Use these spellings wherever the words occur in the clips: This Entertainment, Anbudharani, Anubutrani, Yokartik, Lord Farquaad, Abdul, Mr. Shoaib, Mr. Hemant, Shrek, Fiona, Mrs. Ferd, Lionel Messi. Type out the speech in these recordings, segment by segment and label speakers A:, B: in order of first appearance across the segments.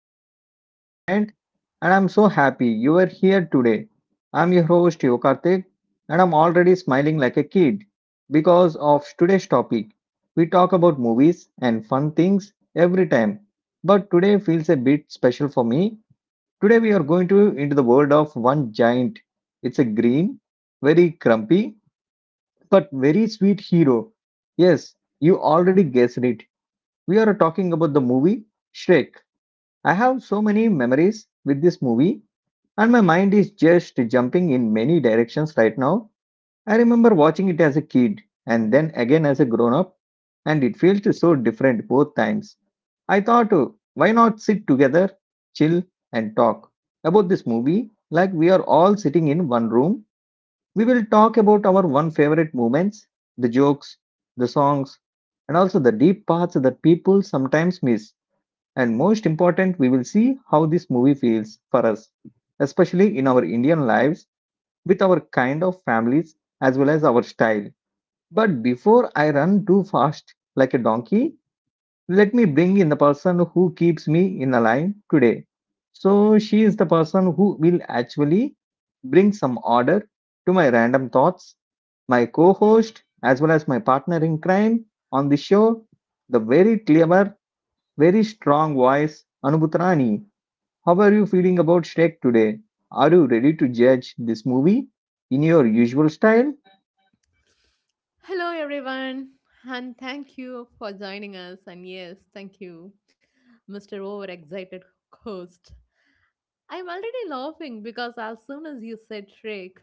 A: show, This Entertainment. And I'm so happy you are here today. I'm your host, Yokartik, and I'm already smiling like a kid because of today's topic. We talk about movies and fun things every time, but today feels a bit special for me. Today we are going to into the world of one giant. It's a green, very crumpy, but very sweet hero. Yes, you already guessed it. We are talking about the movie Shrek. I have so many memories with this movie, and my mind is just jumping in many directions right now. I remember watching it as a kid and then again as a grown up, and it felt so different both times. I thought, why not sit together, chill, and talk about this movie like we are all sitting in one room? We will talk about our one favorite moments, the jokes, the songs, and also the deep parts that people sometimes miss. And most important, we will see how this movie feels for us, especially in our Indian lives, with our kind of families as well as our style. But before I run too fast like a donkey, let me bring in the person who keeps me in the line today. So she is the person who will actually bring some order to my random thoughts, my co host, as well as my partner in crime on the show, the very clever very strong voice, Anubutrani. How are you feeling about Shrek today? Are you ready to judge this movie in your usual style?
B: Hello, everyone, and thank you for joining us. And yes, thank you, Mr. Overexcited Host. I'm already laughing because as soon as you said Shrek,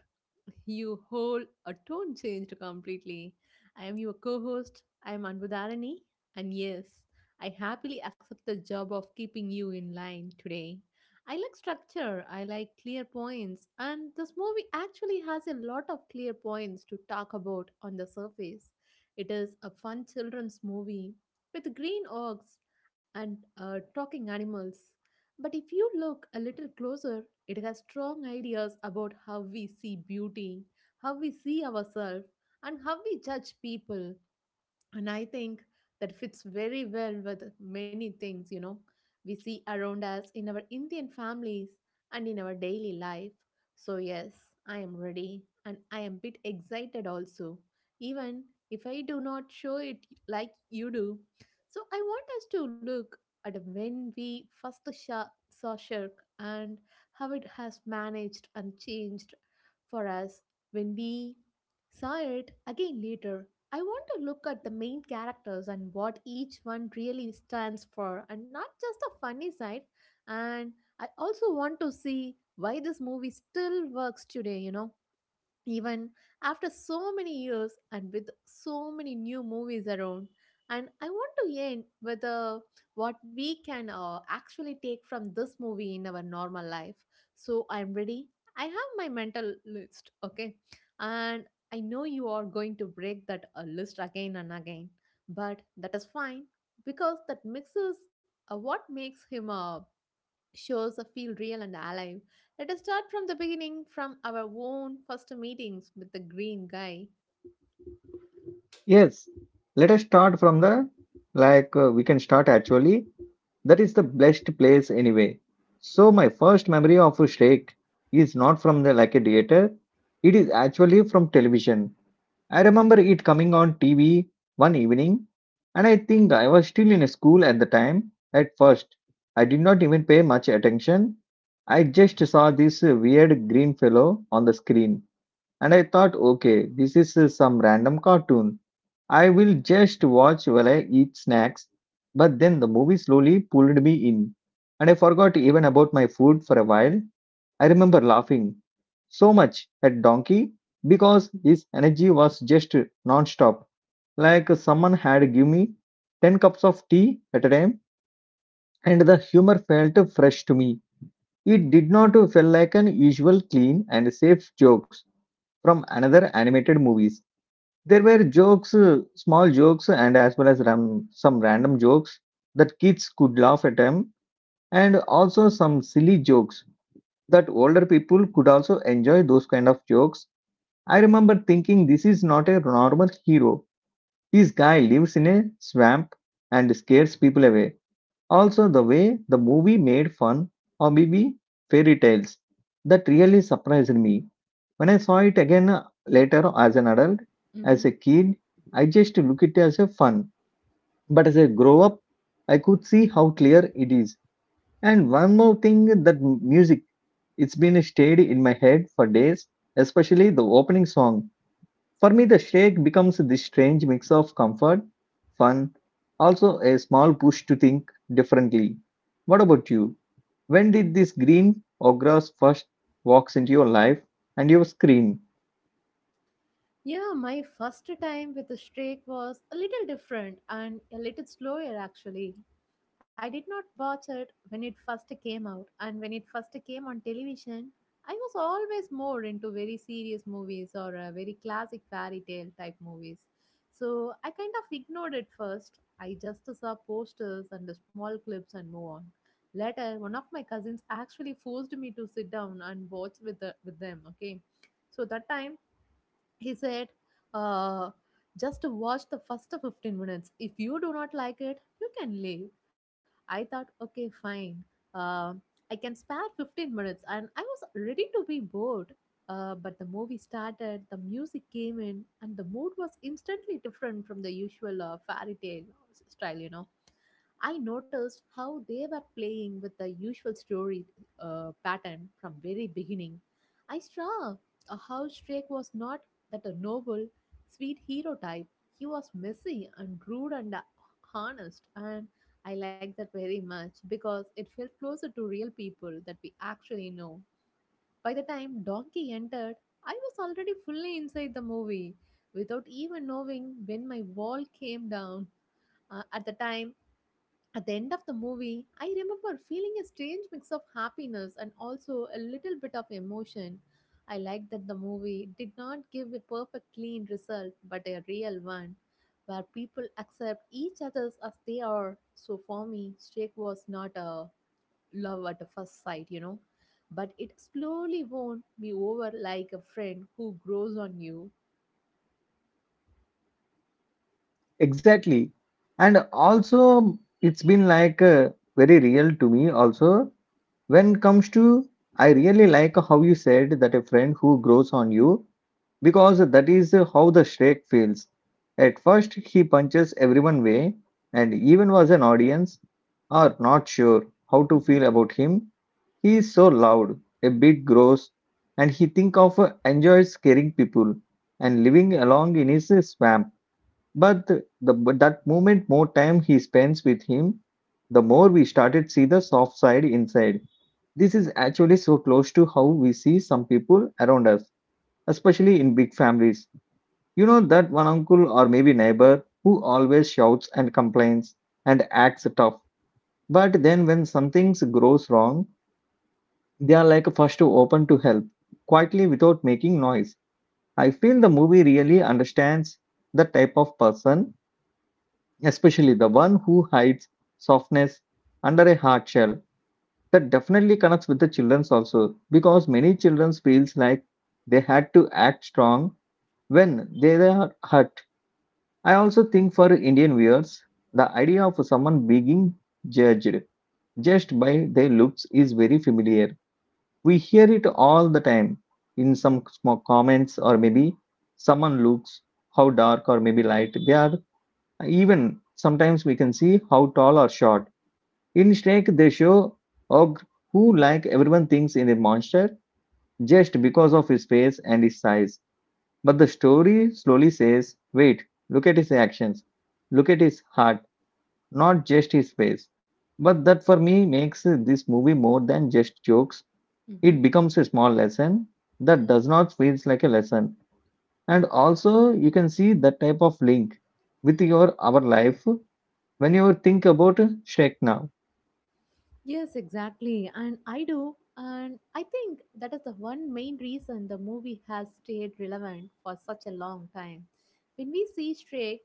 B: your whole a tone changed completely. I am your co-host. I am Anbudharani, and yes, I happily accept the job of keeping you in line today. I like structure. I like clear points, and this movie actually has a lot of clear points to talk about on the surface. It is a fun children's movie with green orcs and talking animals. But if you look a little closer, it has strong ideas about how we see beauty, how we see ourselves, and how we judge people, and I think that fits very well with many things we see around us in our Indian families and in our daily life. So yes, I am ready, and I am bit excited also, even if I do not show it like you do. So I want us to look at when we first saw Shirk and how it has managed and changed for us when we saw it again later. I want to look at the main characters and what each one really stands for, and not just the funny side. And I also want to see why this movie still works today, even after so many years and with so many new movies around. And I want to end with what we can actually take from this movie in our normal life. So I'm ready. I have my mental list, okay? And I know you are going to break that list again and again, but that is fine, because that mixes what makes him, shows us feel real and alive. Let us start from the beginning, from our own first meetings with the green guy.
A: Yes. Let us start from the we can start actually. That is the best place anyway. So my first memory of Shrek is not from the like a theater. It is actually from television. I remember it coming on TV one evening, and I think I was still in school at the time. At first, I did not even pay much attention. I just saw this weird green fellow on the screen, and I thought, okay, this is some random cartoon. I will just watch while I eat snacks. But then the movie slowly pulled me in, and I forgot even about my food for a while. I remember laughing so much at Donkey because his energy was just non-stop. Like someone had given me 10 cups of tea at a time, and the humor felt fresh to me. It did not feel like an usual clean and safe jokes from another animated movies. There were jokes, small jokes and as well as some random jokes that kids could laugh at them and also some silly jokes that older people could also enjoy those kind of jokes. I remember thinking this is not a normal hero. This guy lives in a swamp and scares people away. Also, the way the movie made fun or maybe fairy tales that really surprised me. When I saw it again later as an adult, as
B: Mm-hmm.
A: a kid, I just look it as a fun. But as I grow up, I could see how clear it is. And one more thing, that music, it's been stayed in my head for days, especially the opening song. For me, the shake becomes this strange mix of comfort, fun, also a small push to think differently. What about you? When did this green ogre first walks into your life and your screen?
B: Yeah, my first time with the streak was a little different and a little slower actually. I did not watch it when it first came out, and when it first came on television, I was always more into very serious movies or very classic fairy tale type movies. So I kind of ignored it first. I just saw posters and the small clips and move on. Later, one of my cousins actually forced me to sit down and watch with with them. Okay, so that time he said, uh, just watch the first 15 minutes. If you do not like it, you can leave. I thought, okay, fine. Um, I can spare 15 minutes. And I was ready to be bored. But the movie started, the music came in, and the mood was instantly different from the usual fairy tale style, you know. I noticed how they were playing with the usual story pattern from very beginning. I saw how Drake was not that a noble, sweet hero type. He was messy and rude and honest, and I like that very much because it felt closer to real people that we actually know. By the time Donkey entered, I was already fully inside the movie without even knowing when my wall came down. Uh, at the time, at the end of the movie, I remember feeling a strange mix of happiness and also a little bit of emotion. I liked that the movie did not give a perfect clean result, but a real one, where people accept each other as they are. So for me, Shrek was not a love at the first sight, you know, but it slowly won me over like a friend who grows on you.
A: Exactly. And also, it's been like very real to me also. When comes to, I really like how you said that a friend who grows on you, because that is how the Shrek feels. At first, he punches everyone away and even was an audience are not sure how to feel
B: Mm-hmm.
A: about him. He is so loud, a bit gross, and he think of enjoys scaring people and living along in his swamp, but the but that moment, more time he spends with him, the more we started see the soft side inside. This is actually so close to how we see some people around us, especially in big families. You know that one uncle or maybe neighbor who always shouts and complains and acts tough. But then when something goes wrong, they are like first to open to help, quietly without making noise. I feel the movie really understands the type of person, especially the one who hides softness under a hard shell. That definitely connects with the children's also, because many children feels like they had to act strong when they are hurt. I also think for Indian viewers, the idea of someone being judged just by their looks is very familiar. We hear it all the time in some small comments, or maybe someone looks how dark or maybe light they are. Even sometimes we can see how tall or short. In Snake, they show Og, who, like everyone, thinks in a monster just because of his face and his size. But the story slowly says, wait, look at his actions, look at his heart, not just his face. But that for me makes this movie more than just jokes.
B: Mm-hmm.
A: It becomes a small lesson that does not feel like a lesson. And also, you can see that type of link with your our life when you think about Shrek now.
B: Yes, exactly. And I do. And I think that is the one main reason the movie has stayed relevant for such a long time. When we see Shrek,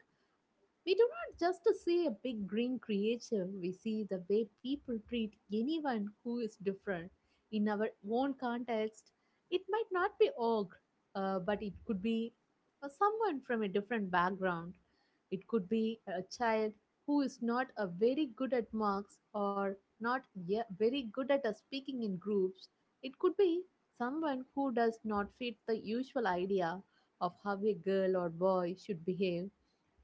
B: we do not just see a big green creature, we see the way people treat anyone who is different. In our own context, it might not be ogre, but it could be someone from a different background. It could be a child who is not a very good at marks or not very good at speaking in groups. It could be someone who does not fit the usual idea of how a girl or boy should behave.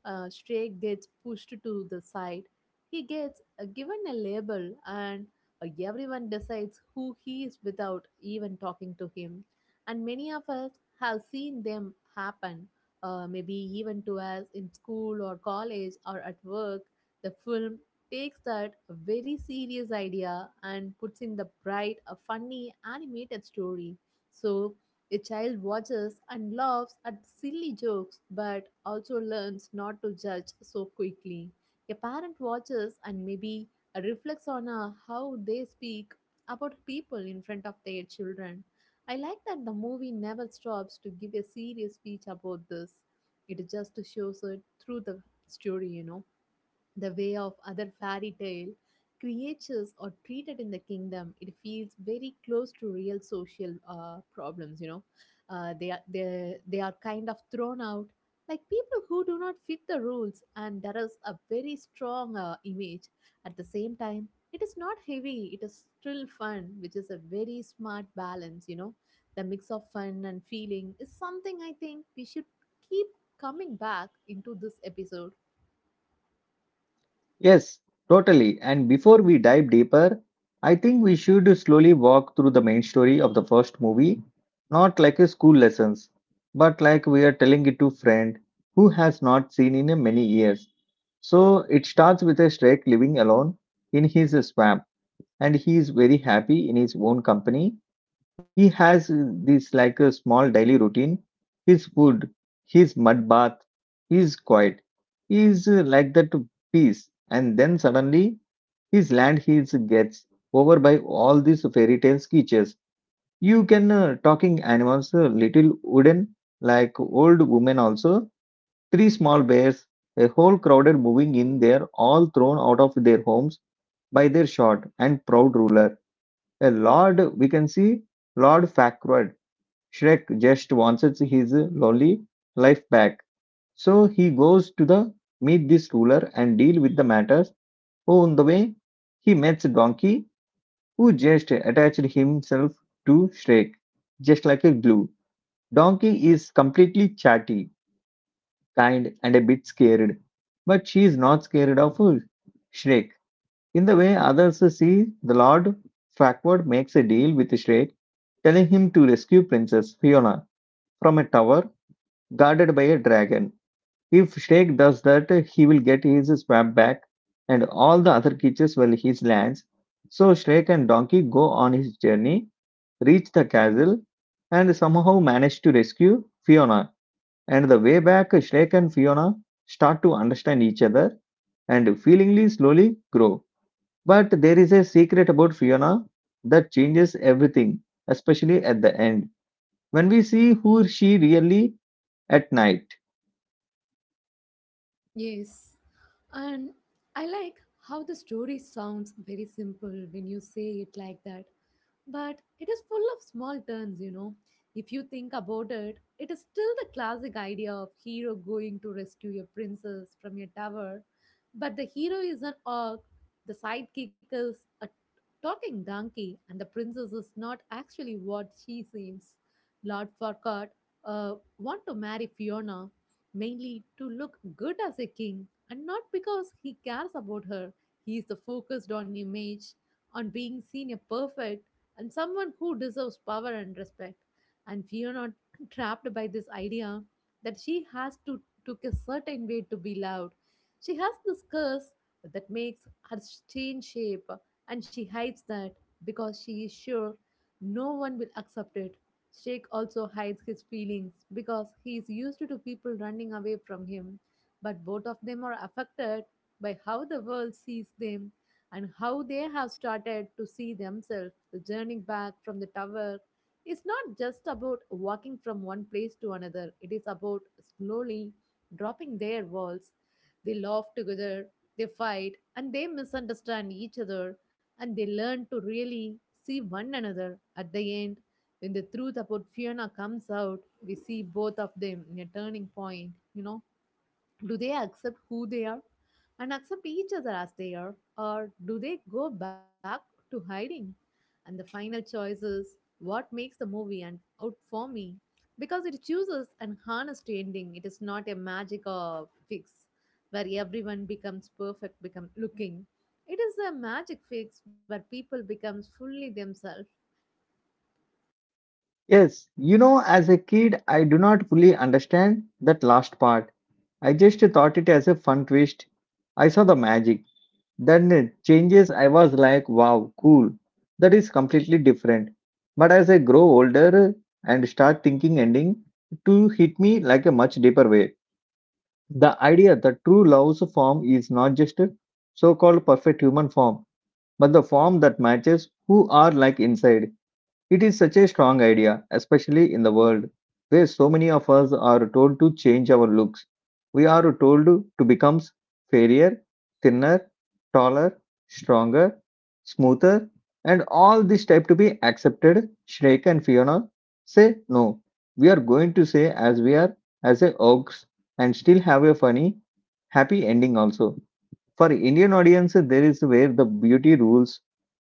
B: A stray gets pushed to the side, he gets given a label, and everyone decides who he is without even talking to him. And many of us have seen them happen, maybe even to us in school or college or at work. The film takes that very serious idea and puts in the bright, a funny animated story. So a child watches and laughs at silly jokes but also learns not to judge so quickly. A parent watches and maybe reflects on how they speak about people in front of their children. I like that the movie never stops to give a serious speech about this. It just shows it through the story, you know. The way of other fairy tale creatures are treated in the kingdom, it feels very close to real social problems, you know. They are kind of thrown out like people who do not fit the rules, and that is a very strong image. At the same time, it is not heavy, it is still fun, which is a very smart balance, you know. The mix of fun and feeling is something I think we should keep coming back into this episode.
A: Yes, totally. And before we dive deeper, I think we should slowly walk through the main story of the first movie, not like a school lessons, but like we are telling it to friend who has not seen in a many years. So it starts with a Shrek living alone in his swamp, and he is very happy in his own company. He has this like a small daily routine. His food, his mud bath, his quiet. He is like that to peace. And then suddenly his land gets over by all these fairy tale sketches. You can talking animals, little wooden like old women also, three small bears, a whole crowded moving in there, all thrown out of their homes by their short and proud ruler, a lord we can see Lord Farquaad. Shrek just wants his lonely life back, so he goes to the meet this ruler and deal with the matters. On the way, he meets Donkey, who just attached himself to Shrek, just like a glue. Donkey is completely chatty, kind, and a bit scared, but she is not scared of Shrek. In the way others see, the Lord Farquaad makes a deal with Shrek, telling him to rescue Princess Fiona from a tower guarded by a dragon. If Snake does that, he will get his swamp back and all the other creatures will his lands. So Snake and Donkey go on his journey, reach the castle, and somehow manage to rescue Fiona. And the way back, Snake and Fiona start to understand each other and feelingly slowly grow. But there is a secret about Fiona that changes everything, especially at the end when we see who she really at night.
B: Yes, and I like how the story sounds very simple when you say it like that, but it is full of small turns, you know. If you think about it, it is still the classic idea of hero going to rescue a princess from a tower, but the hero is an orc, the sidekick is a talking donkey, and the princess is not actually what she seems. Lord Farquaad want to marry Fiona, mainly to look good as a king and not because he cares about her. He is the focused on image, on being seen a perfect and someone who deserves power and respect. And we are not trapped by this idea that she has to took a certain way to be loved. She has this curse that makes her change shape, and she hides that because she is sure no one will accept it. Shake also hides his feelings because he is used to people running away from him, but both of them are affected by how the world sees them and how they have started to see themselves. The journey back from the tower is not just about walking from one place to another, it is about slowly dropping their walls. They laugh together, they fight, and they misunderstand each other, and they learn to really see one another. At the end, when the truth about Fiona comes out, we see both of them in a turning point. You know, do they accept who they are and accept each other as they are, or do they go back to hiding? And the final choice is what makes the movie and out for me because it chooses an honest ending. It is not a magic or fix where everyone becomes perfect, become looking. It is a magic fix where people becomes fully themselves.
A: Yes, you know, as a kid, I do not fully understand that last part. I just thought it as a fun twist. I saw the magic. Then it changes, I was like, wow, cool. That is completely different. But as I grow older and start thinking ending, to hit me like a much deeper way. The idea that true love's form is not just a so-called perfect human form, but the form that matches who are like inside. It is such a strong idea, especially in the world where so many of us are told to change our looks. We are told to become fairer, thinner, taller, stronger, smoother, and all this type to be accepted. Shrek and Fiona say no. We are going to say as we are, as a oaks, and still have a funny, happy ending also. For Indian audience, there is where the beauty rules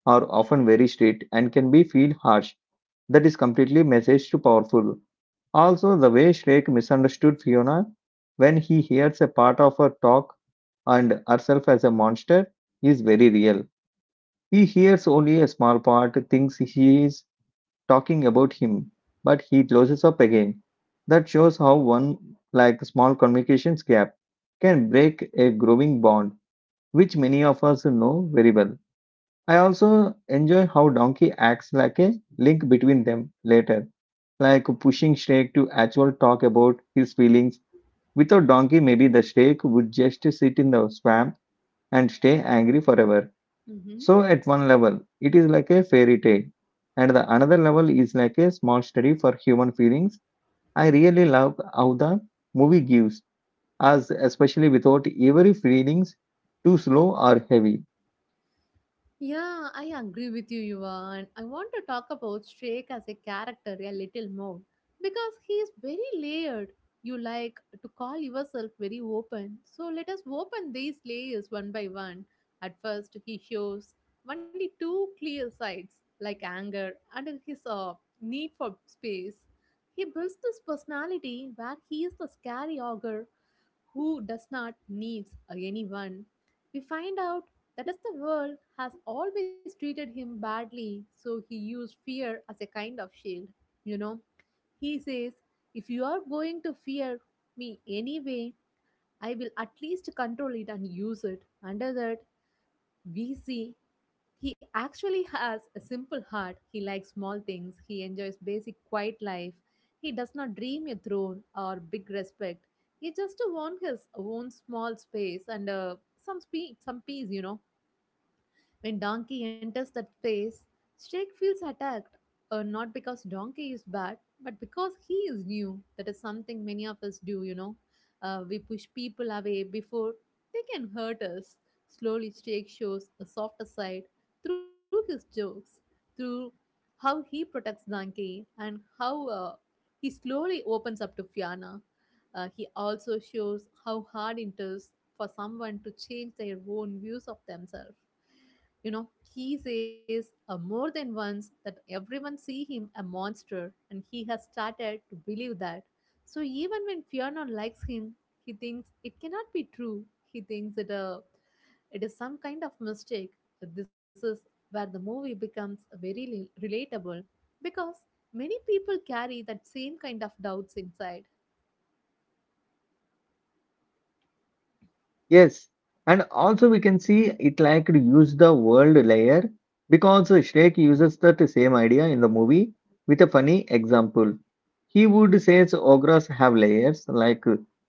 A: are often very strict and can be feel harsh, that is completely message to powerful. Also, the way Shrek misunderstood Fiona when he hears a part of her talk and herself as a monster is very real. He hears only a small part, thinks he is talking about him, but he closes up again. That shows how one like small communications gap can break a growing bond, which many of us know very well. I also enjoy how Donkey acts like a link between them later, like pushing Shrek to actually talk about his feelings. Without Donkey, maybe the Shrek would just sit in the swamp and stay angry forever.
B: Mm-hmm.
A: So, at one level, it is like a fairy tale, and the another level is like a small study for human feelings. I really love how the movie gives us, especially without every feelings too slow or heavy.
B: Yeah, I agree with you, Yuvan. I want to talk about Shrek as a character a little more because he is very layered. You like to call yourself very open, so let us open these layers one by one. At first, he shows only two clear sides, like anger and his need for space. He builds this personality where he is the scary ogre who does not needs anyone. We find out that as the world has always treated him badly, so he used fear as a kind of shield. You know, he says, if you are going to fear me anyway, I will at least control it and use it. Under that, we see he actually has a simple heart. He likes small things. He enjoys basic quiet life. He does not dream a throne or big respect. He just wants his own small space and some peace, you know. When Donkey enters that space, Snake feels attacked, not because Donkey is bad, but because he is new. That is something many of us do, you know. We push people away before they can hurt us. Slowly, Snake shows a softer side through his jokes, through how he protects Donkey, and how he slowly opens up to Fiona. He also shows how hard it is for someone to change their own views of themselves. You know, he says more than once that everyone see him a monster and he has started to believe that. So even when Fiona likes him, he thinks it cannot be true. He thinks it, it is some kind of mistake. This is where the movie becomes very relatable because many people carry that same kind of doubts inside.
A: Yes, and also we can see it like to use the world layer, because Shrek uses that same idea in the movie with a funny example. He would say ogres have layers like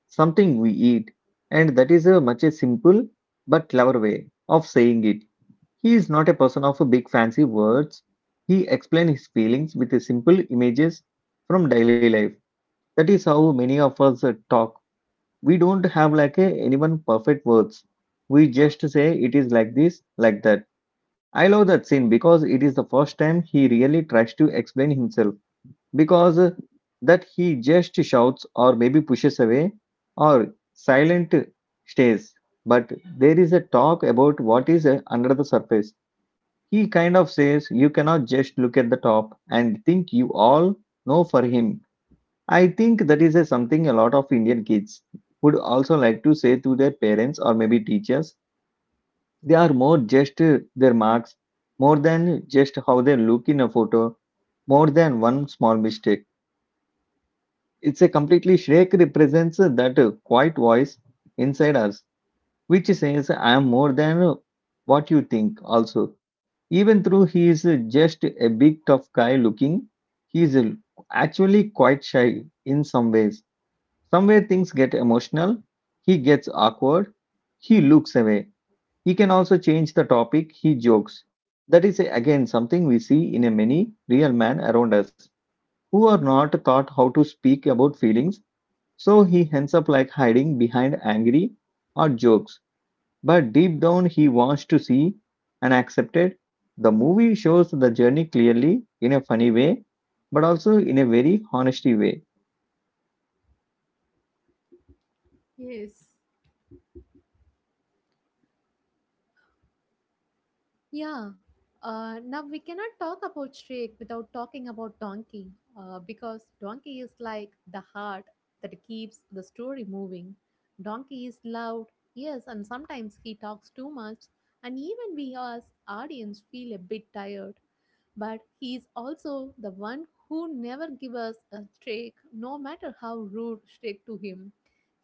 A: something we eat, and that is a much a simple but clever way of saying it. He is not a person of big fancy words. He explains his feelings with simple images from daily life. That is how many of us talk. We don't have like a anyone perfect words. We just say it is like this like that. I love that scene because it is the first time he really tries to explain himself, because that he just shouts or maybe pushes away or silent stays, but there is a talk about what is under the surface. He kind of says you cannot just look at the top and think you all know for him. I think that is a something a lot of Indian kids would also like to say to their parents or maybe teachers. They are more just their marks, more than just how they look in a photo, more than one small mistake. It's a completely shake represents that quiet voice inside us, which says, I am more than what you think. Also, even though he is just a big tough guy looking, he is actually quite shy in some ways. Somewhere things get emotional, he gets awkward, he looks away. He can also change the topic, he jokes. That is again something we see in a many real men around us who are not taught how to speak about feelings, so he ends up like hiding behind angry or jokes. But deep down he wants to see and accept it. The movie shows the journey clearly in a funny way, but also in a very honesty way.
B: Yes. Yeah. Now we cannot talk about Shrek without talking about Donkey, because Donkey is like the heart that keeps the story moving. Donkey is loud, yes, and sometimes he talks too much, and even we as audience feel a bit tired. But he is also the one who never gives us a Shrek, no matter how rude Shrek to him.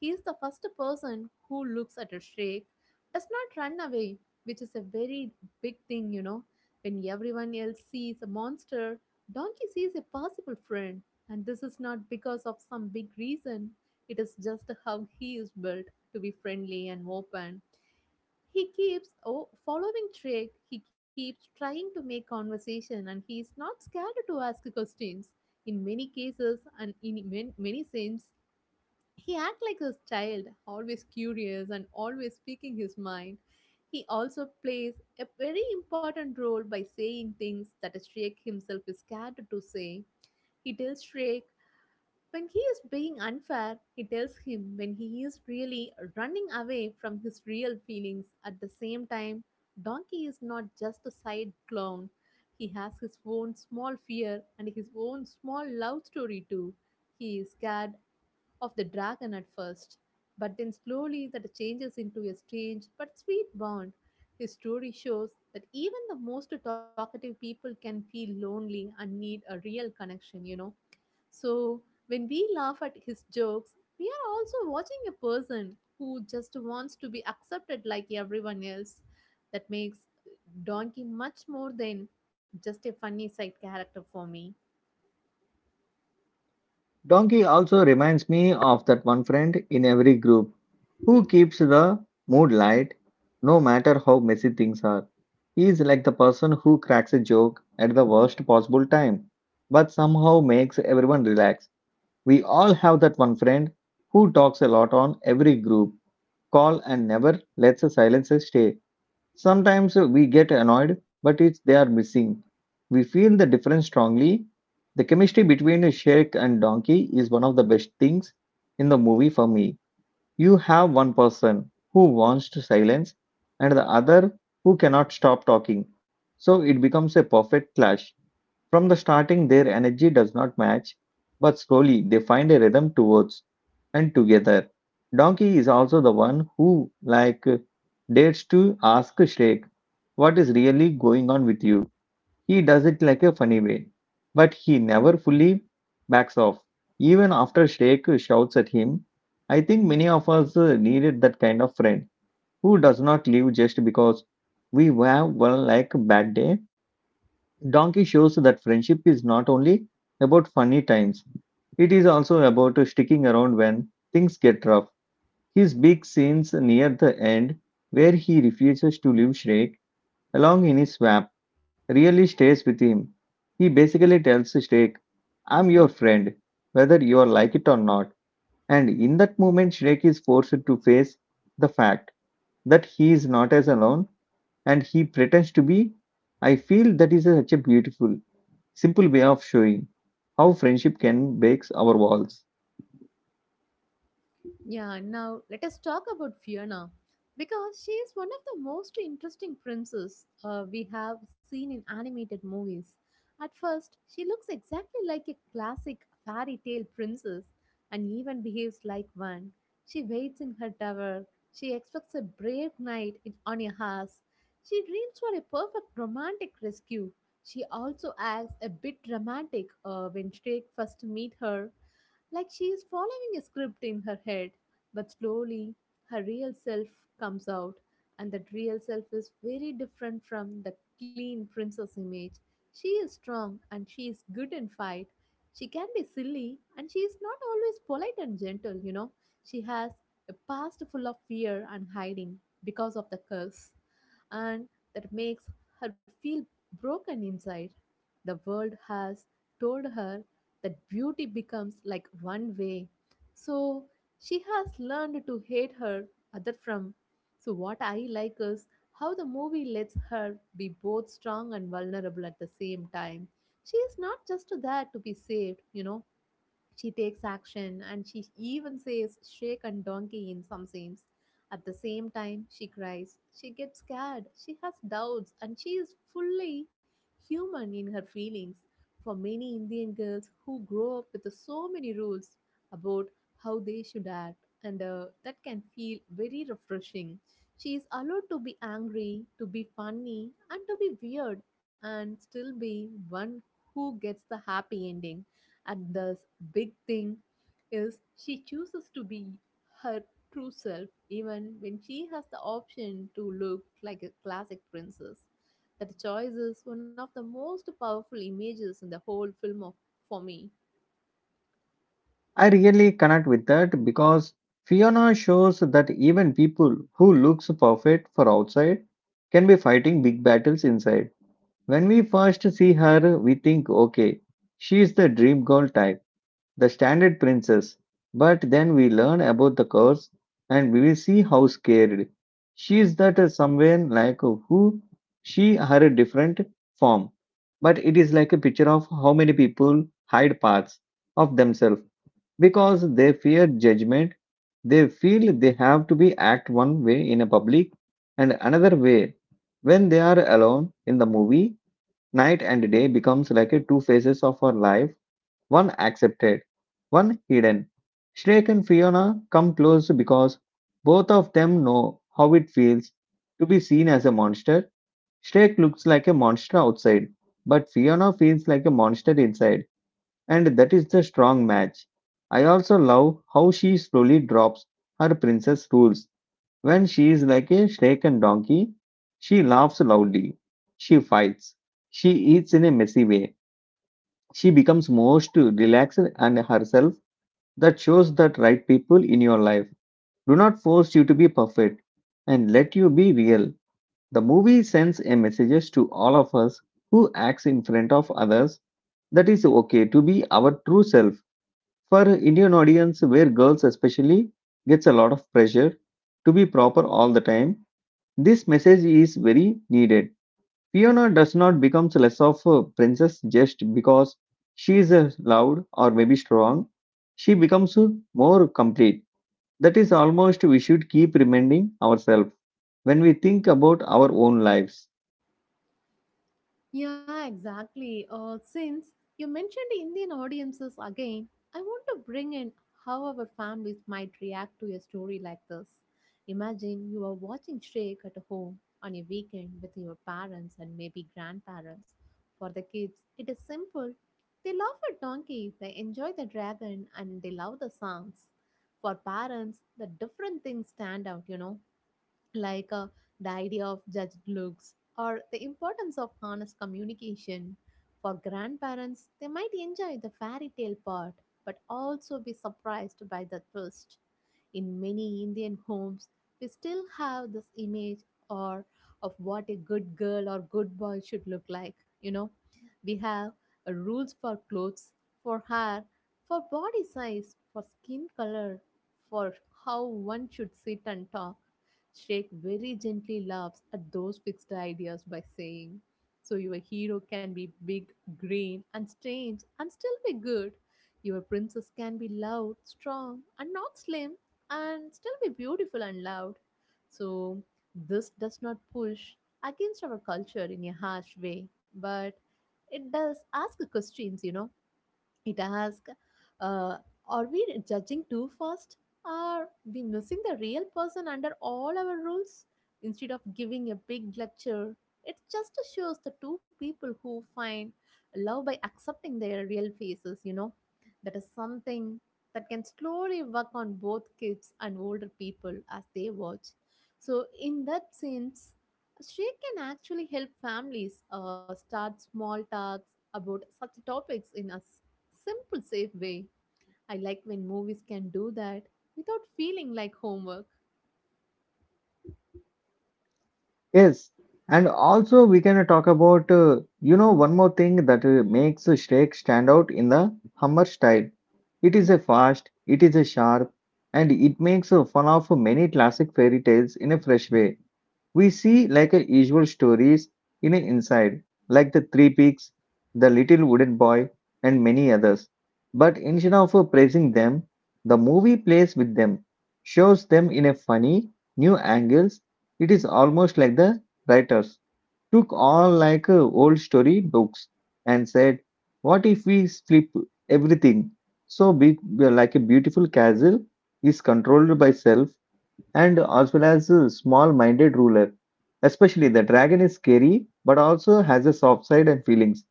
B: He is the first person who looks at a Shrek, does not run away, which is a very big thing. When everyone else sees a monster, Donkey sees a possible friend. And this is not because of some big reason, it is just how he is built to be friendly and open. He keeps oh, following Trick, he keeps trying to make conversation, and he is not scared to ask questions. In many cases and in many, many sense, he acts like a child, always curious and always speaking his mind. He also plays a very important role by saying things that Shrek himself is scared to say. He tells Shrek when he is being unfair, he tells him when he is really running away from his real feelings. At the same time, Donkey is not just a side clown. He has his own small fear and his own small love story too. He is scared of the dragon at first, but then slowly that changes into a strange but sweet bond. His story shows that even the most talkative people can feel lonely and need a real connection. So, when we laugh at his jokes, we are also watching a person who just wants to be accepted like everyone else. That makes Donkey much more than just a funny side character for me.
A: Donkey also reminds me of that one friend in every group who keeps the mood light no matter how messy things are. He is like the person who cracks a joke at the worst possible time but somehow makes everyone relax. We all have that one friend who talks a lot on every group call and never lets the silence stay. Sometimes we get annoyed, but it's they are missing. We feel the difference strongly. The chemistry between Sheik and Donkey is one of the best things in the movie for me. You have one person who wants to silence and the other who cannot stop talking. So it becomes a perfect clash. From the starting, their energy does not match, but slowly they find a rhythm towards and together. Donkey is also the one who, like, dares to ask Shrek what is really going on with you. He does it like a funny way, but he never fully backs off. Even after Sheikh shouts at him, I think many of us needed that kind of friend who does not leave just because we have one like bad day. Donkey shows that friendship is not only about funny times, it is also about sticking around when things get rough. His big scenes near the end, where he refuses to leave Shrek along in his swamp really stays with him. He basically tells Snake, I'm your friend, whether you like it or not. And in that moment, Snake is forced to face the fact that he is not as alone and he pretends to be. I feel that is such a beautiful, simple way of showing how friendship can break our walls.
B: Yeah, now let us talk about Fiona because she is one of the most interesting princesses we have seen in animated movies. At first, she looks exactly like a classic fairy tale princess and even behaves like one. She waits in her tower, she expects a brave knight in, on a horse, she dreams for a perfect romantic rescue. She also acts a bit dramatic when Drake first meet her like she is following a script in her head. But slowly, her real self comes out, and that real self is very different from the clean princess image. She is strong and she is good in fight. She can be silly and she is not always polite and gentle, you know. She has a past full of fear and hiding because of the curse and that makes her feel broken inside. The world has told her that beauty becomes like one way. So she has learned to hate her other from. So what I like is how the movie lets her be both strong and vulnerable at the same time. She is not just there to be saved, you know. She takes action and she even says shake and donkey in some scenes. At the same time, she cries. She gets scared. She has doubts and she is fully human in her feelings. For many Indian girls who grow up with so many rules about how they should act, and that can feel very refreshing. She is allowed to be angry, to be funny, and to be weird, and still be one who gets the happy ending and the big thing is she chooses to be her true self even when she has the option to look like a classic princess. That choice is one of the most powerful images in the whole film of, for me.
A: I really connect with that because Fiona shows that even people who looks perfect for outside can be fighting big battles inside. When we first see her, we think, okay, she is the dream girl type, the standard princess. But then we learn about the curse and we will see how scared. She is that someone like who she her a different form. But it is like a picture of how many people hide parts of themselves because they fear judgment. They feel they have to be act one way in a public and another way when they are alone in the movie. Night and day becomes like a two phases of her life, one accepted, one hidden. Shrek and Fiona come close because both of them know how it feels to be seen as a monster. Shrek looks like a monster outside, but Fiona feels like a monster inside, and that is the strong match. I also love how she slowly drops her princess rules when she is like a shaken donkey, she laughs loudly, she fights, she eats in a messy way, she becomes most relaxed and herself. That shows that right people in your life do not force you to be perfect and let you be real. The movie sends a message to all of us who acts in front of others that is okay to be our true self. For Indian audience, where girls especially gets a lot of pressure to be proper all the time, this message is very needed. Fiona does not become less of a princess just because she is loud or maybe strong. She becomes more complete. That is almost we should keep reminding ourselves when we think about our own lives.
B: Yeah, exactly. Since you mentioned Indian audiences again, I want to bring in how our families might react to a story like this. Imagine you are watching Shrek at home on a weekend with your parents and maybe grandparents. For the kids, it is simple. They love a donkey, they enjoy the dragon, and they love the songs. For parents, the different things stand out, you know, like the idea of judged looks or the importance of honest communication. For grandparents, they might enjoy the fairy tale part but also be surprised by the twist. In many Indian homes, we still have this image or of what a good girl or good boy should look like. You know, we have rules for clothes, for hair, for body size, for skin color, for how one should sit and talk. Shrek very gently laughs at those fixed ideas by saying, so your hero can be big, green, and strange, and still be good. Your princess can be loud, strong, and not slim, and still be beautiful and loud. So, this does not push against our culture in a harsh way, but it does ask questions, you know, it asks, uh, are we judging too fast? Are we missing the real person under all our rules? Instead of giving a big lecture, it just shows the two people who find love by accepting their real faces, you know. That is something that can slowly work on both kids and older people as they watch. So, in that sense, she can actually help families start small talks about such topics in us simple, safe way. I like when movies can do that without feeling like homework.
A: Yes, and also we can talk about one more thing that makes Shrek stand out in the Hummer style. It is a fast, it is a sharp, and it makes fun of many classic fairy tales in a fresh way. We see like a usual stories in a inside, like the Three Peaks, the Little Wooden Boy, and many others. But instead of praising them, the movie plays with them, shows them in a funny new angles. It is almost like the writers took all like old story books and said, "What if we flip everything?" So be like a beautiful castle is controlled by self and as well as a small-minded ruler. Especially the dragon is scary, but also has a soft side and feelings.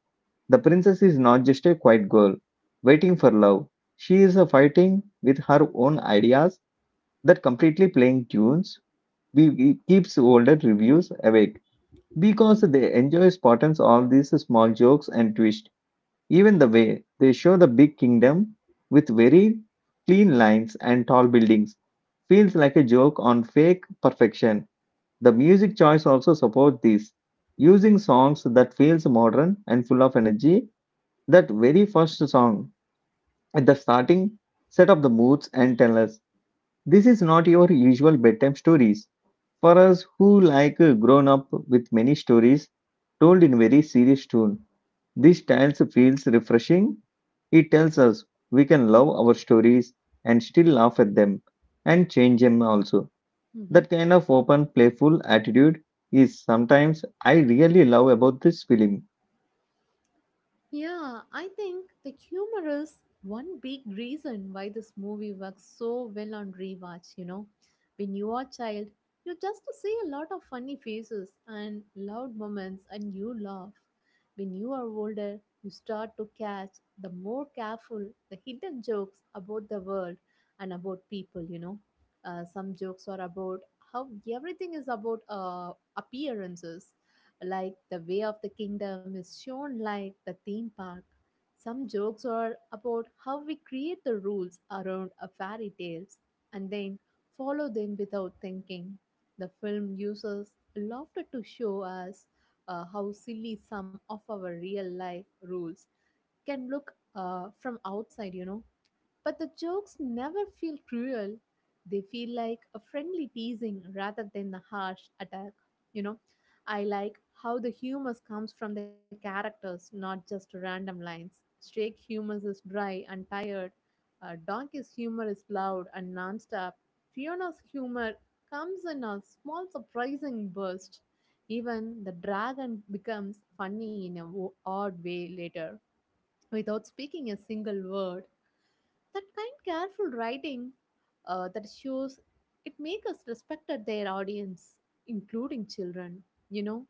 A: The princess is not just a quiet girl waiting for love. She is a fighting with her own ideas that completely playing tunes we keeps older reviews awake because they enjoy Spartans all these small jokes and twists. Even the way they show the big kingdom with very clean lines and tall buildings feels like a joke on fake perfection. The music choice also supports this, using songs that feels modern and full of energy. That very first song at the starting set up the moods and tell us this is not your usual bedtime stories. For us who like grown up with many stories told in very serious tone, this stance feels refreshing. It tells us we can love our stories and still laugh at them and change them also. That kind of open, playful attitude is sometimes I really love about this film.
B: Yeah, I think the humor is one big reason why this movie works so well on rewatch, you know. When you are a child, you just see a lot of funny faces and loud moments and you laugh. When you are older, you start to catch the more careful the hidden jokes about the world and about people, you know. Some jokes are about how everything is about appearances like the way of the kingdom is shown like the theme park. Some jokes are about how we create the rules around a fairy tales and then follow them without thinking. The film uses laughter to show us how silly some of our real life rules can look from outside, you know. But the jokes never feel cruel. They feel like a friendly teasing rather than a harsh attack. You know, I like how the humor comes from the characters, not just random lines. Straight humor is dry and tired. Donkey's humor is loud and nonstop. Fiona's humor comes in a small surprising burst. Even the dragon becomes funny in a odd way later without speaking a single word. That kind careful writing that shows it make us respected their audience, including children, you know.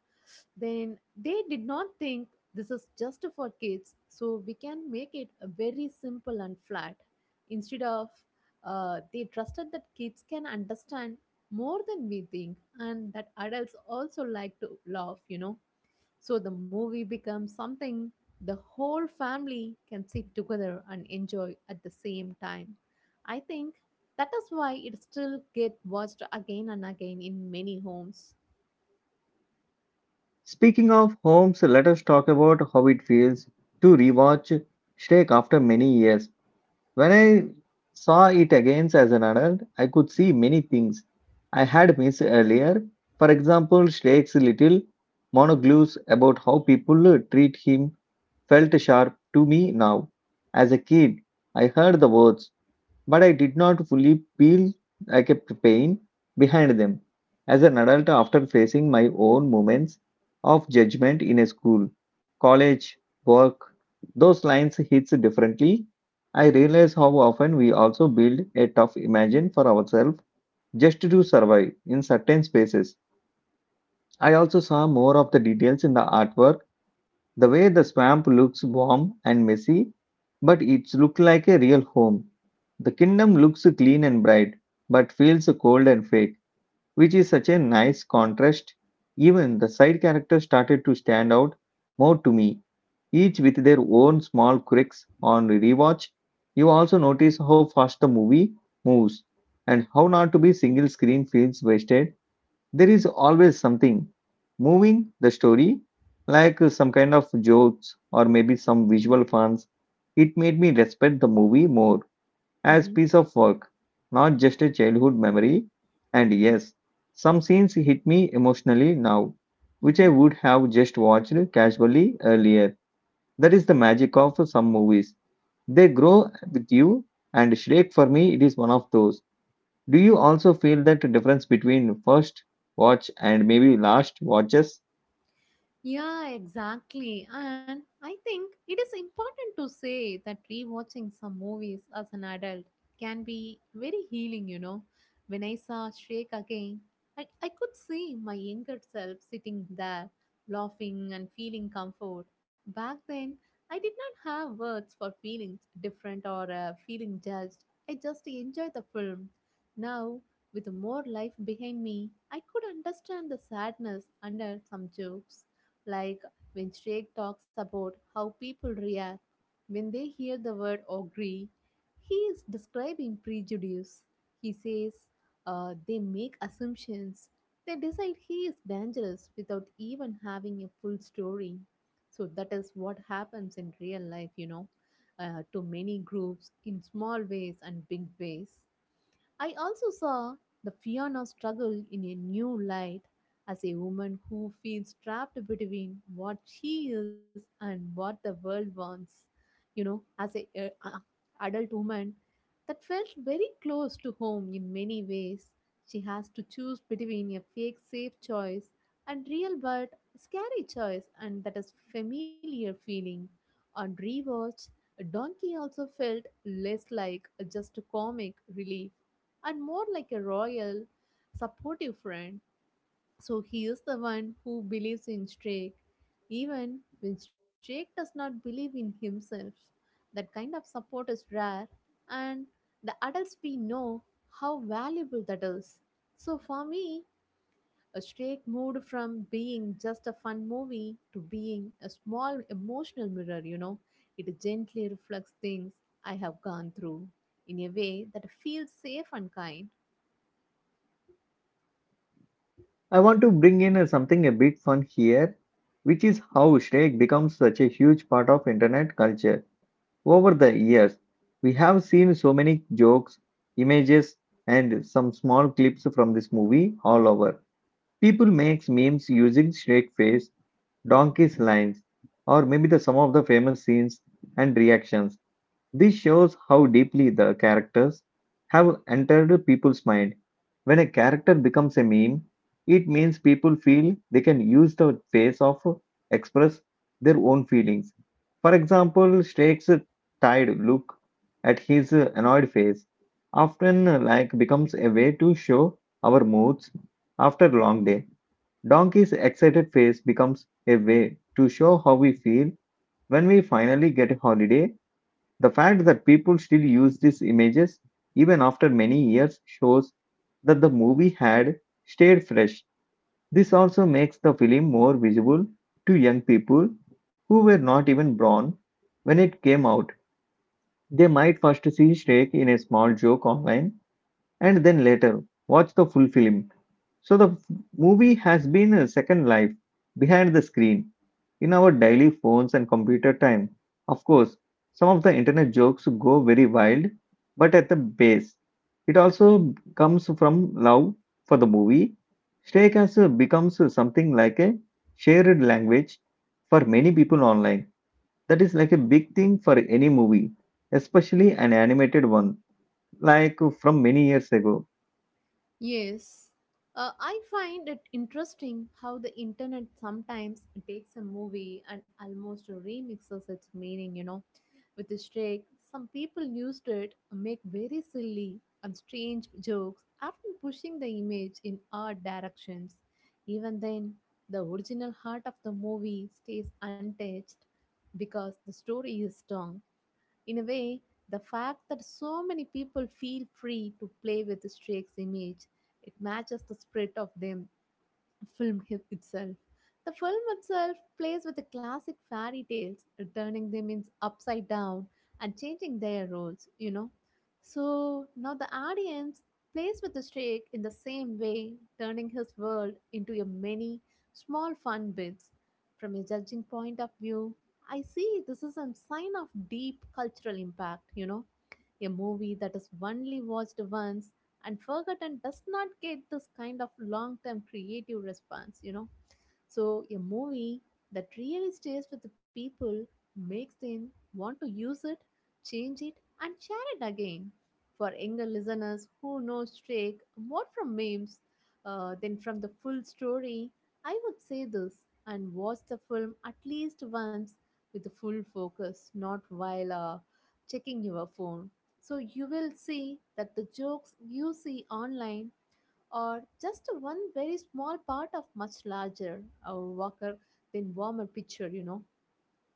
B: Then they did not think this is just for kids, so we can make it a very simple and flat. Instead of they trusted that kids can understand more than we think and that adults also like to laugh, you know. So the movie becomes something the whole family can sit together and enjoy at the same time. I think that is why it still get watched again and again in many homes.
A: Speaking of homes, let us talk about how it feels to rewatch Shrek after many years. When I saw it again as an adult, I could see many things I had missed earlier. For example, Shrek's little monologues about how people treat him felt sharp to me now. As a kid, I heard the words but I did not fully peel I kept pain behind them. As an adult, after facing my own moments of judgment in a school, college, work, those lines hits differently. I realize how often we also build a tough imagine for ourselves just to survive in certain spaces. I also saw more of the details in the artwork, the way the swamp looks warm and messy, but it's look like a real home. The kingdom looks clean and bright, but feels cold and fake, which is such a nice contrast. Even the side characters started to stand out more to me, each with their own small quirks on rewatch. You also notice how fast the movie moves and how not to be single screen feels wasted. There is always something moving the story, like some kind of jokes or maybe some visual funs. It made me respect the movie more as
B: Mm-hmm.
A: piece of work, not just a childhood memory. And yes, some scenes hit me emotionally now, which I
B: Mm-hmm.
A: would have just watched casually earlier. That is the magic of some movies. They grow with you, and Shrek for me, it is one of those. Do you also feel that difference between first watch and maybe last watches?
B: Yeah, exactly. And I think it is important to say that rewatching some movies as an adult can be very healing, you know. When I saw Shrek again, I could see my younger self sitting there, laughing and feeling comfort. Back then, I did not have words for feeling different or feeling judged. I just enjoyed the film. Now, with more life behind me, I could understand the sadness under some jokes like when Shrek talks about how people react when they hear the word agree, he is describing prejudice. He says they make assumptions. They decide he is dangerous without even having a full story. So that is what happens in real life, you know, to many groups in small ways and big ways. I also saw the Fiona struggle in a new light as a woman who feels trapped between what she is and what the world wants. You know, as a adult woman, that felt very close to home in many ways. She has to choose between a fake safe choice and real but scary choice, and that is familiar feeling. On rewatch, Donkey also felt less like just a comic relief and more like a royal, supportive friend. So he is the one who believes in Drake, even when Drake does not believe in himself. That kind of support is rare, and the adults we know how valuable that is. So for me, a Drake moved from being just a fun movie to being a small emotional mirror, you know. It gently reflects things I have gone through in a way that feels safe and kind.
A: I want to bring in something a bit fun here, which is how Shrek becomes such a huge part of internet culture. Over the years, we have seen so many jokes, images, and some small clips from this movie all over. People make memes using Shrek face, donkey's lines, or maybe the some of the famous scenes and reactions. This shows how deeply the characters have entered people's mind. When a character becomes a meme, it means people feel they can use the face of express their own feelings. For example, Strake's tired look at his annoyed face often becomes a way to show our moods after a long day. Donkey's excited face becomes a way to show how we feel when we finally get a holiday. The fact that people still use these images even after many years shows that the movie had stayed fresh. This also makes the film more visible to young people who were not even born when it came out. They might first see Shrek in a small joke online and then later watch the full film. So the f- movie has been a second life behind the screen. In our daily phones and computer time, of course, some of the internet jokes go very wild, but at the base, it also comes from love for the movie. Steak has becomes something like a shared language for many people online. That is like a big thing for any movie, especially an animated one, like from many years ago.
B: Yes, I find it interesting how the internet sometimes takes a movie and almost remixes its meaning, you know, with a shake. Some people used it to make very silly and strange jokes, often pushing the image in odd directions. Even then, the original heart of the movie stays untouched because the story is strong. In a way, the fact that so many people feel free to play with Strake's image, it matches the spirit of them itself. The film itself plays with the classic fairy tales, turning them in upside down and changing their roles, you know. So now the audience plays with the Drake in the same way, turning his world into a many small fun bits. From a judging point of view, I see this is a sign of deep cultural impact, you know, a movie that is only watched once and forgotten does not get this kind of long term creative response, you know. So, a movie that really stays with the people makes them want to use it, change it, and share it again. For younger listeners who know Shrek more from memes than from the full story, I would say this and watch the film at least once with the full focus, not while checking your phone. So you will see that the jokes you see online are just one very small part of much larger Walker than warmer picture, you know.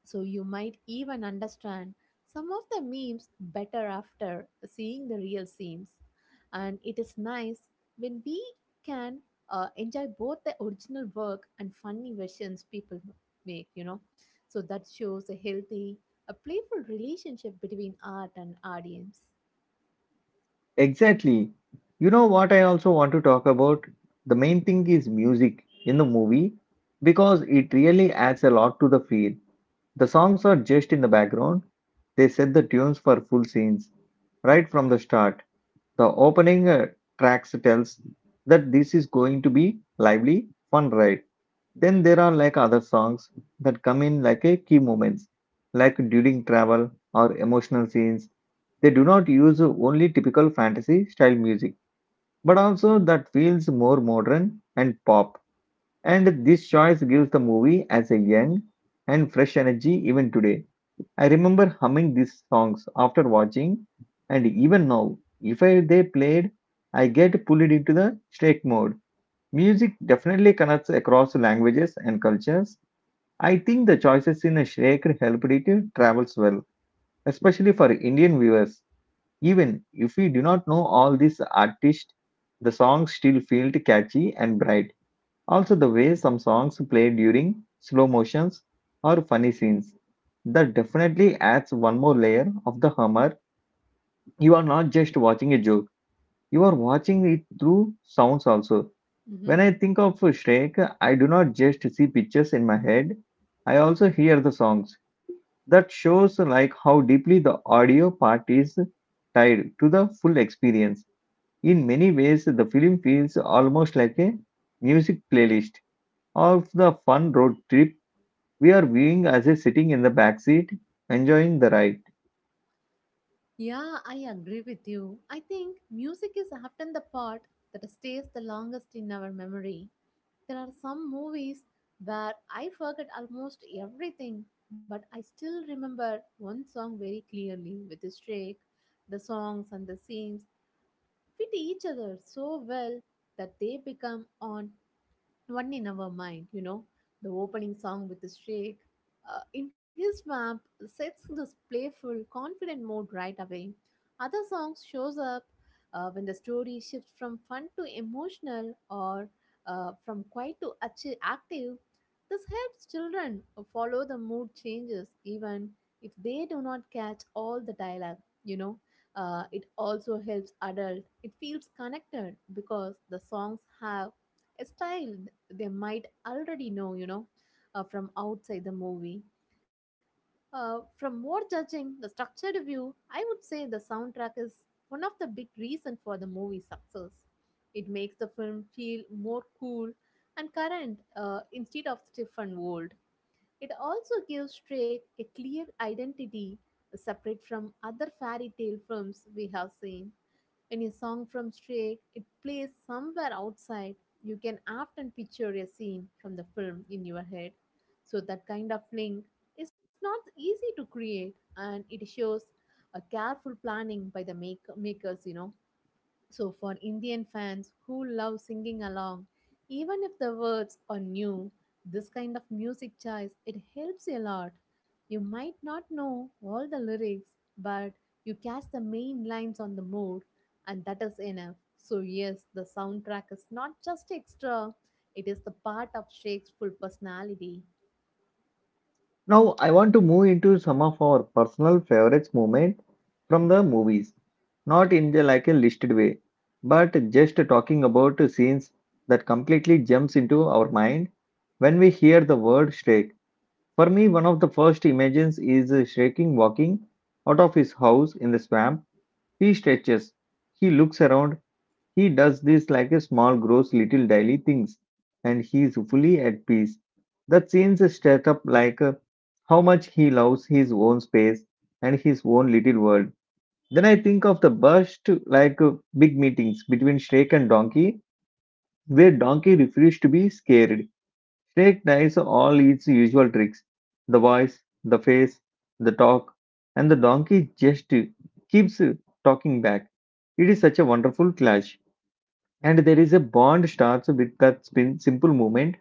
B: So you might even understand some of the memes better after seeing the real scenes. And it is nice when we can enjoy both the original work and funny versions people make, you know. So that shows a healthy, a playful relationship between art and audience.
A: Exactly. You know what I also want to talk about? The main thing is music in the movie because it really adds a lot to the feel. The songs are just in the background, they set the tunes for full scenes right from the start. The opening tracks tells that this is going to be lively, fun ride. Then there are like other songs that come in like a key moments, like during travel or emotional scenes. They do not use only typical fantasy style music, but also that feels more modern and pop. And this choice gives the movie as a young and fresh energy even today. I remember humming these songs after watching, and even now, if I, they played, I get pulled into the strike mode. Music definitely connects across languages and cultures. I think the choices in Shrek helped it to travels well, especially for Indian viewers. Even if we do not know all these artists, the songs still feel catchy and bright. Also, the way some songs play during slow motions or funny scenes. That definitely adds one more layer of the humor. You are not just watching a joke, you are watching it through sounds also.
B: Hmm.
A: When I think of Shrek, I do not just see pictures in my head, I also hear the songs. That shows like how deeply the audio part is tied to the full experience. In many ways, the film feels almost like a music playlist of the fun road trip we are viewing as a sitting in the back seat enjoying the ride.
B: Yeah, I agree with you. I think music is often the part that stays the longest in our memory. There are some movies where I forget almost everything, but I still remember one song very clearly with the streak, the songs and the scenes fit each other so well that they become on one in our mind, you know, the opening song with the shake. In his map sets this playful, confident mode right away. Other songs shows up when the story shifts from fun to emotional or from quiet to active. This helps children follow the mood changes even if they do not catch all the dialogue, you know. It also helps adult. It feels connected because the songs have a style they might already know, you know, from outside the movie. From more judging the structured view, I would say the soundtrack is one of the big reason for the movie's success. It makes the film feel more cool and current instead of stiff and old. It also gives Drake a clear identity separate from other fairy tale films we have seen. Any song from Stray, it plays somewhere outside. You can often picture a scene from the film in your head. So that kind of link is not easy to create and it shows a careful planning by the makers, you know. So, for Indian fans who love singing along, even if the words are new, this kind of music choice it helps a lot. You might not know all the lyrics, but you catch the main lines on the mood, and that is enough. So, yes, the soundtrack is not just extra, it is the part of Shakespeare's full personality.
A: Now I want to move into some of our personal favorites moment from the movies, not in the like a listed way, but just talking about scenes that completely jumps into our mind when we hear the word Shrek. For me, one of the first images is Shrek walking out of his house in the swamp. He stretches, he looks around. He does this like a small, gross, little daily things, and he is fully at peace. The scenes set up how much he loves his own space and his own little world. Then I think of the burst big meetings between Shrek and Donkey, where Donkey refuses to be scared. Shrek tries all its usual tricks, the voice, the face, the talk, and the donkey just keeps talking back. It is such a wonderful clash and there is a bond starts with that spin, simple movement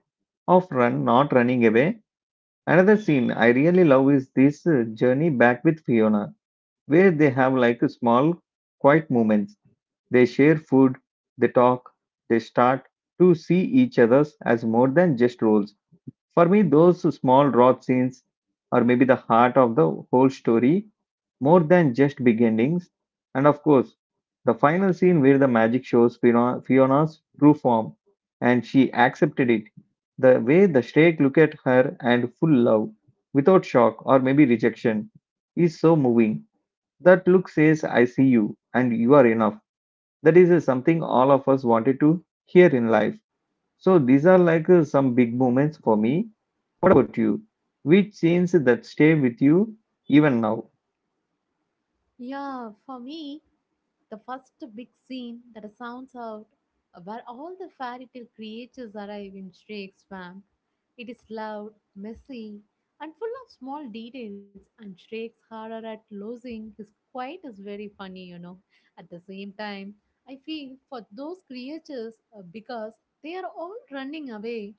A: of run not running away. Another scene I really love is this journey back with Fiona, where they have like a small quiet moments. They share food, they talk, they start to see each other as more than just roles. For me, those small raw scenes are maybe the heart of the whole story, more than just big endings. And of course, the final scene where the magic shows Fiona's true form and she accepted it. The way the Shrek look at her and full love, without shock or maybe rejection, is so moving. That look says, I see you and you are enough. That is something all of us wanted to hear in life. So these are some big moments for me. What about you? Which scenes that stay with you even now?
B: Yeah, for me, the first big scene that sounds out, where all the fairy tale creatures arrive in Shrek's swamp, it is loud, messy, and full of small details, and Shrek's horror at losing his quiet is very funny, you know. At the same time, I feel for those creatures because they are all running away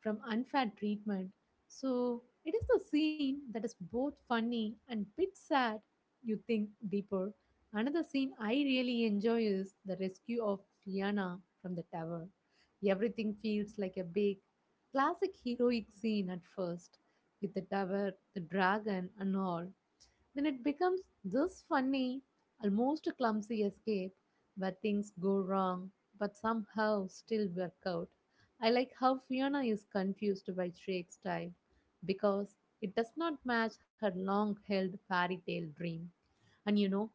B: from unfair treatment. So it is the scene that is both funny and bit sad. You think deeper. Another scene I really enjoy is the rescue of Fiona from the tower. Everything feels like a big, classic heroic scene at first, with the tower, the dragon, and all. Then it becomes this funny, almost clumsy escape where things go wrong but somehow still work out. I like how Fiona is confused by Shrek's style because it does not match her long held fairy tale dream. And you know,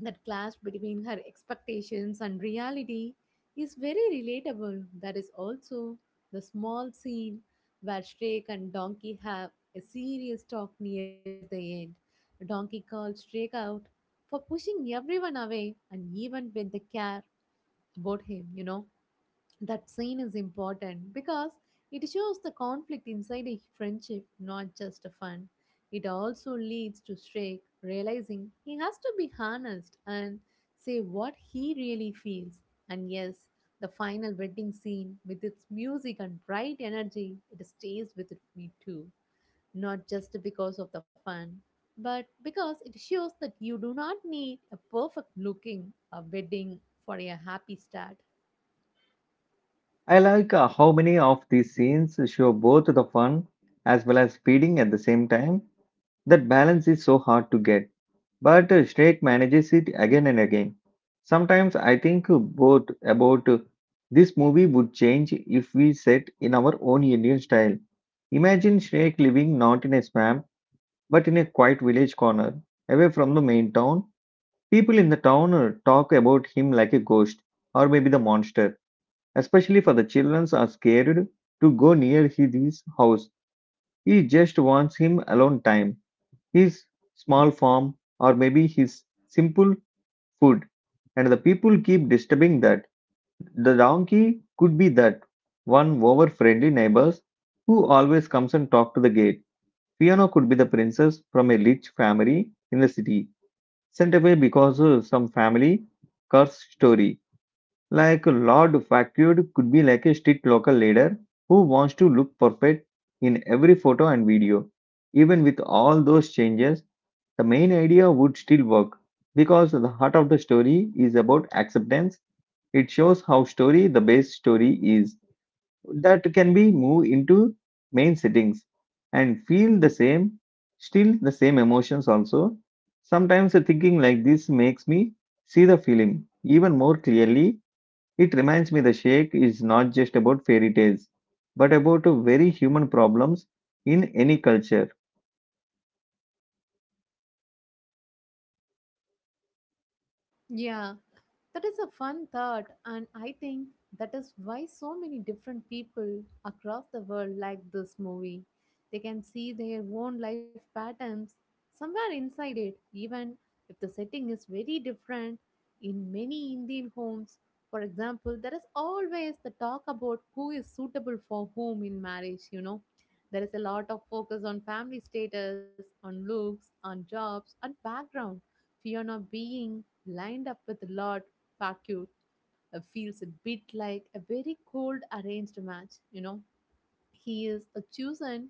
B: that clash between her expectations and reality is very relatable. That is also the small scene where Shrek and Donkey have a serious talk near the end. Donkey calls Shrek out for pushing everyone away and even when they care about him, you know that scene is important because it shows the conflict inside a friendship, not just a fun. It also leads to Shrek realizing he has to be honest and say what he really feels. And yes, the final wedding scene with its music and bright energy, it stays with me too. Not just because of the fun, but because it shows that you do not need a perfect looking a wedding for a happy start.
A: I like how many of these scenes show both the fun as well as feeding at the same time. That balance is so hard to get, but Shrek manages it again and again. Sometimes I think both about this movie would change if we set in our own Indian style. Imagine Shrek living not in a swamp but in a quiet village corner, away from the main town, people in the town talk about him like a ghost or maybe the monster. Especially for the children are scared to go near his house. He just wants him alone time, his small farm, or maybe his simple food. And the people keep disturbing that. The donkey could be that one over friendly neighbors who always comes and talk to the gate. Fiona could be the princess from a rich family in the city sent away because of some family curse story. Like Lord Facud could be like a strict local leader who wants to look perfect in every photo and video. Even with all those changes, the main idea would still work because the heart of the story is about acceptance. It shows how story the base story is that can be moved into main settings and feel the same still the same emotions also. Sometimes a thinking like this makes me see the film even more clearly. It reminds me the shake is not just about fairy tales but about a very human problems in any culture.
B: Yeah, that is a fun thought, and I think that is why so many different people across the world like this movie. They can see their own life patterns somewhere inside it, even if the setting is very different. In many Indian homes, for example, there is always the talk about who is suitable for whom in marriage, you know. There is a lot of focus on family status, on looks, on jobs, on background, fear of being lined up with a lot parkour feels a bit like a very cold arranged match, you know. He is chosen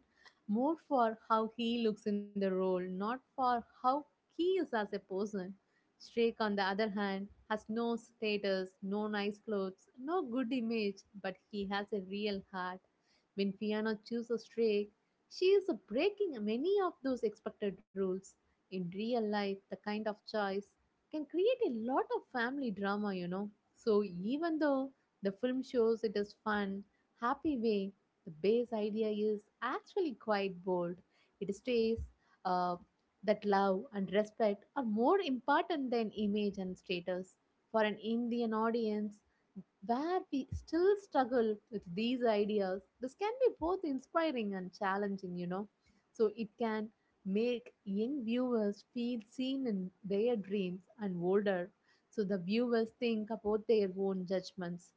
B: more for how he looks in the role, not for how he is as a person. Shrek, on the other hand, has no status, no nice clothes, no good image, but he has a real heart. When Fiona chooses Shrek, she is breaking many of those expected rules. In real life, the kind of choice can create a lot of family drama, you know. So, even though the film shows it is fun, happy way, the base idea is actually quite bold. It states uh, that love and respect are more important than image and status. For an Indian audience, where we still struggle with these ideas, this can be both inspiring and challenging, you know. So it can make young viewers feel seen in their dreams and older, so the viewers think about their own judgments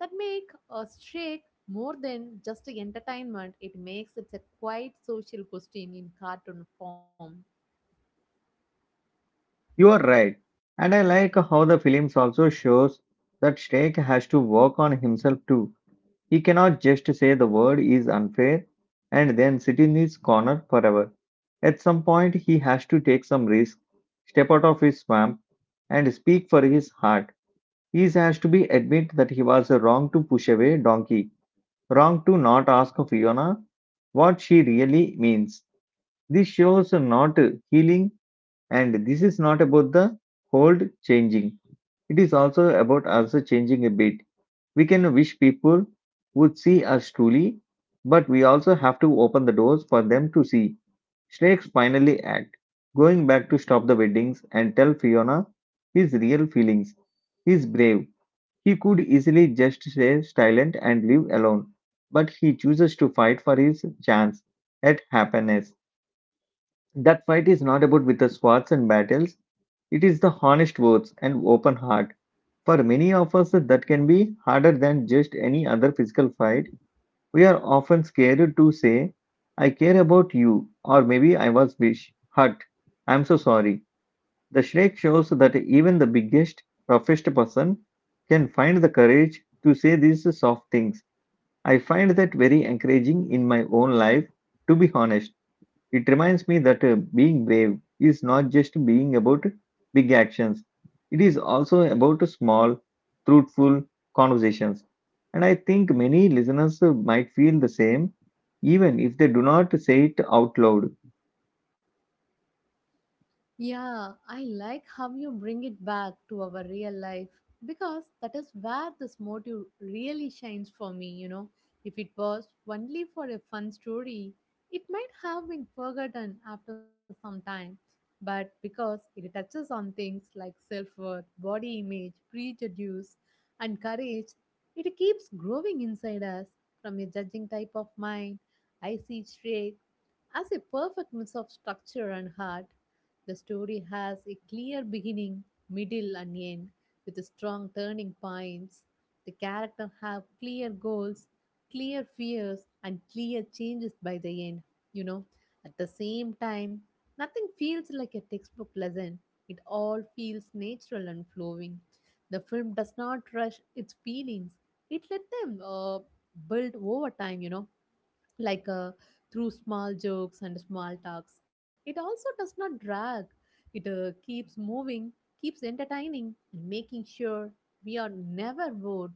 B: that make a shake more than just entertainment. It makes it a quiet social question in cartoon form.
A: You are right, and I like how the films also shows that shake has to work on himself too. He cannot just say the word is unfair and then sit in his corner forever. At some point, he has to take some risk, step out of his swamp, and speak for his heart. He has to be admit that he was wrong to push away Donkey, wrong to not ask Fiona what she really means. This shows not healing and this is not about the hold changing. It is also about also changing a bit. We can wish people would see us truly, but we also have to open the doors for them to see. Snakes finally act, going back to stop the weddings and tell Fiona his real feelings. He's brave. He could easily just stay silent and live alone, but he chooses to fight for his chance at happiness. That fight is not about with the swords and battles. It is the honest words and open heart. For many of us, that can be harder than just any other physical fight. We are often scared to say, I care about you, or maybe I was wish, hurt, I'm so sorry. The Shrek shows that even the biggest, roughest person can find the courage to say these soft things. I find that very encouraging in my own life, to be honest. It reminds me that being brave is not just being about big actions, it is also about small, truthful conversations. And I think many listeners might feel the same, even if they do not say it out loud.
B: Yeah, I like how you bring it back to our real life because that is where this motive really shines for me, you know. If it was only for a fun story, it might have been forgotten after some time. But because it touches on things like self worth, body image, prejudice, and courage, it keeps growing inside us from a judging type of mind. I see straight as a perfect mix of structure and heart, the story has a clear beginning, middle, and end with a strong turning points. The characters have clear goals, clear fears, and clear changes by the end. You know, at the same time, nothing feels like a textbook lesson. It all feels natural and flowing. The film does not rush its feelings. It let them build over time, you know, like through small jokes and small talks. It also does not drag. It keeps moving, keeps entertaining, and making sure we are never bored.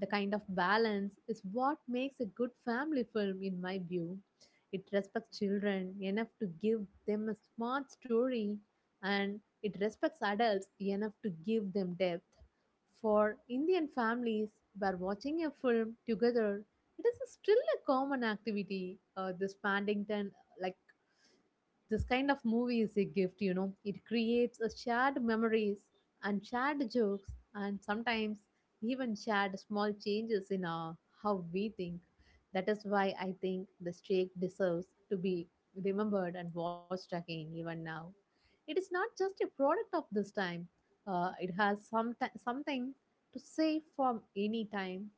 B: The kind of balance is what makes a good family film, in my view. It respects children enough to give them a smart story, and it respects adults enough to give them depth. For Indian families, where watching a film together it is still a common activity, this paddington like this kind of movie is a gift, you know, it creates a shared memories and shared jokes and sometimes even shared small changes in how we think. That is why I think the streak deserves to be remembered and watched again even now. It is not just a product of this time. It has some something to say from any time.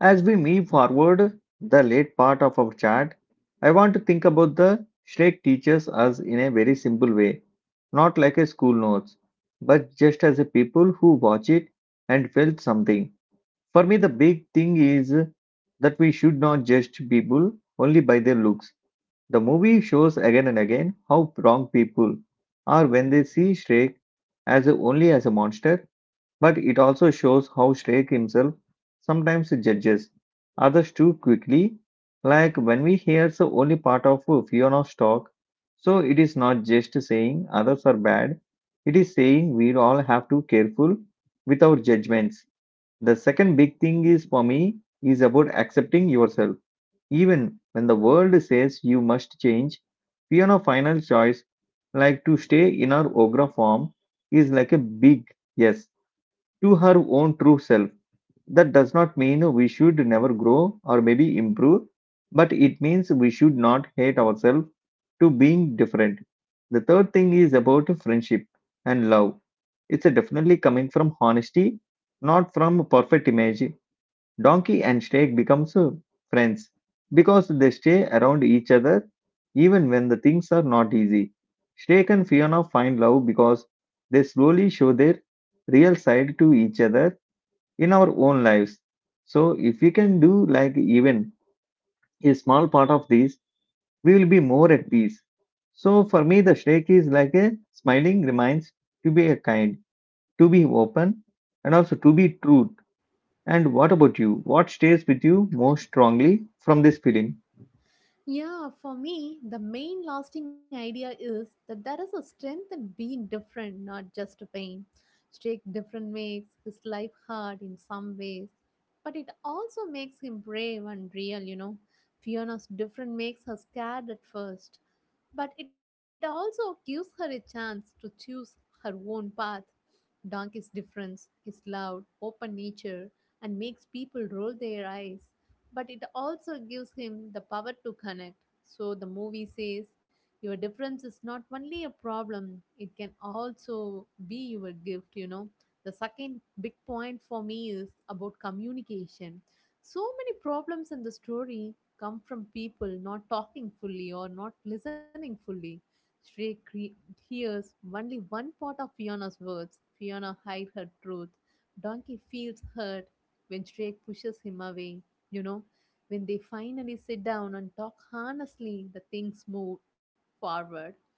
A: As we move forward the late part of our chat, I want to think about the Shrek teaches us in a very simple way, not like a school notes, but just as a people who watch it and felt something. For me, the big thing is that we should not judge people only by their looks. The movie shows again and again how wrong people are when they see Shrek only as a monster, but it also shows how Shrek himself sometimes judges others too quickly. Like when we hear the only part of Fiona's talk, so it is not just saying others are bad, it is saying we all have to careful with our judgments. The second big thing is for me is about accepting yourself. Even when the world says you must change, piano final choice, like to stay in our ogra form, is like a big yes to her own true self. That does not mean we should never grow or maybe improve, but it means we should not hate ourselves to being different. The third thing is about friendship and love. It's definitely coming from honesty, not from perfect image. Donkey and snake becomes friends because they stay around each other even when the things are not easy. Snake and Fiona find love because they slowly show their real side to each other in our own lives. So if we can do like even a small part of this, we will be more at peace. So for me, the snake is like a smiling reminds to be a kind, to be open, and also to be true. And what about you? What stays with you most strongly from this film?
B: Yeah, for me, the main lasting idea is that there is a strength in being different, not just to pain. Jake different makes his life hard in some ways, but it also makes him brave and real, you know. Fiona's different makes her scared at first, but it also gives her a chance to choose her own path. Donk is different, is loud, open nature, and makes people roll their eyes. But it also gives him the power to connect. So the movie says your difference is not only a problem, it can also be your gift, you know. The second big point for me is about communication. So many problems in the story come from people not talking fully or not listening fully. Shrey cre- hears only one part of Fiona's words. Fiona hides her truth. Donkey feels hurt when Shrek pushes him away. You know, when they finally sit down and talk honestly, the things move forward.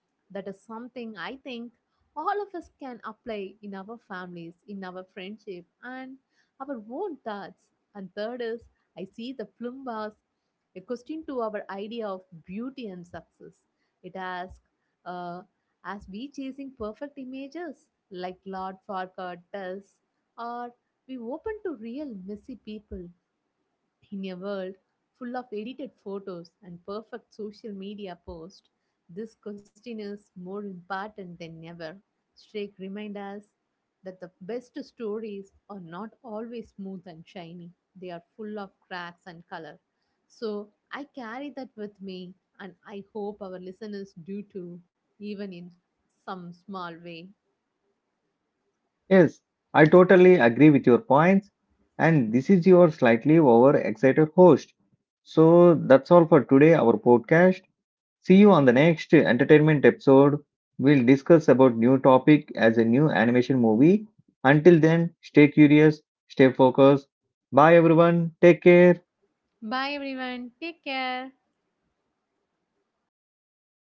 B: That is something I think all of us can apply in our families, in our friendship, and our own thoughts. And third is, I see the film as a question to our idea of beauty and success. It asks, uh as we chasing perfect images like Lord Farquaad does, or we open to real messy people in a world full of edited photos and perfect social media posts, this question is more important than ever. Streak reminds us that the best stories are not always smooth and shiny. They are full of cracks and color. So I carry that with me and I hope our listeners do too, even in some small way.
A: Yes, I totally agree with your points. And this is your slightly overexcited host. So that's all for today, our podcast. See you on the next entertainment episode. We'll discuss about new topic as a new animation movie. Until then, stay curious, stay focused. Bye everyone. Take care.
B: Bye everyone. Take care.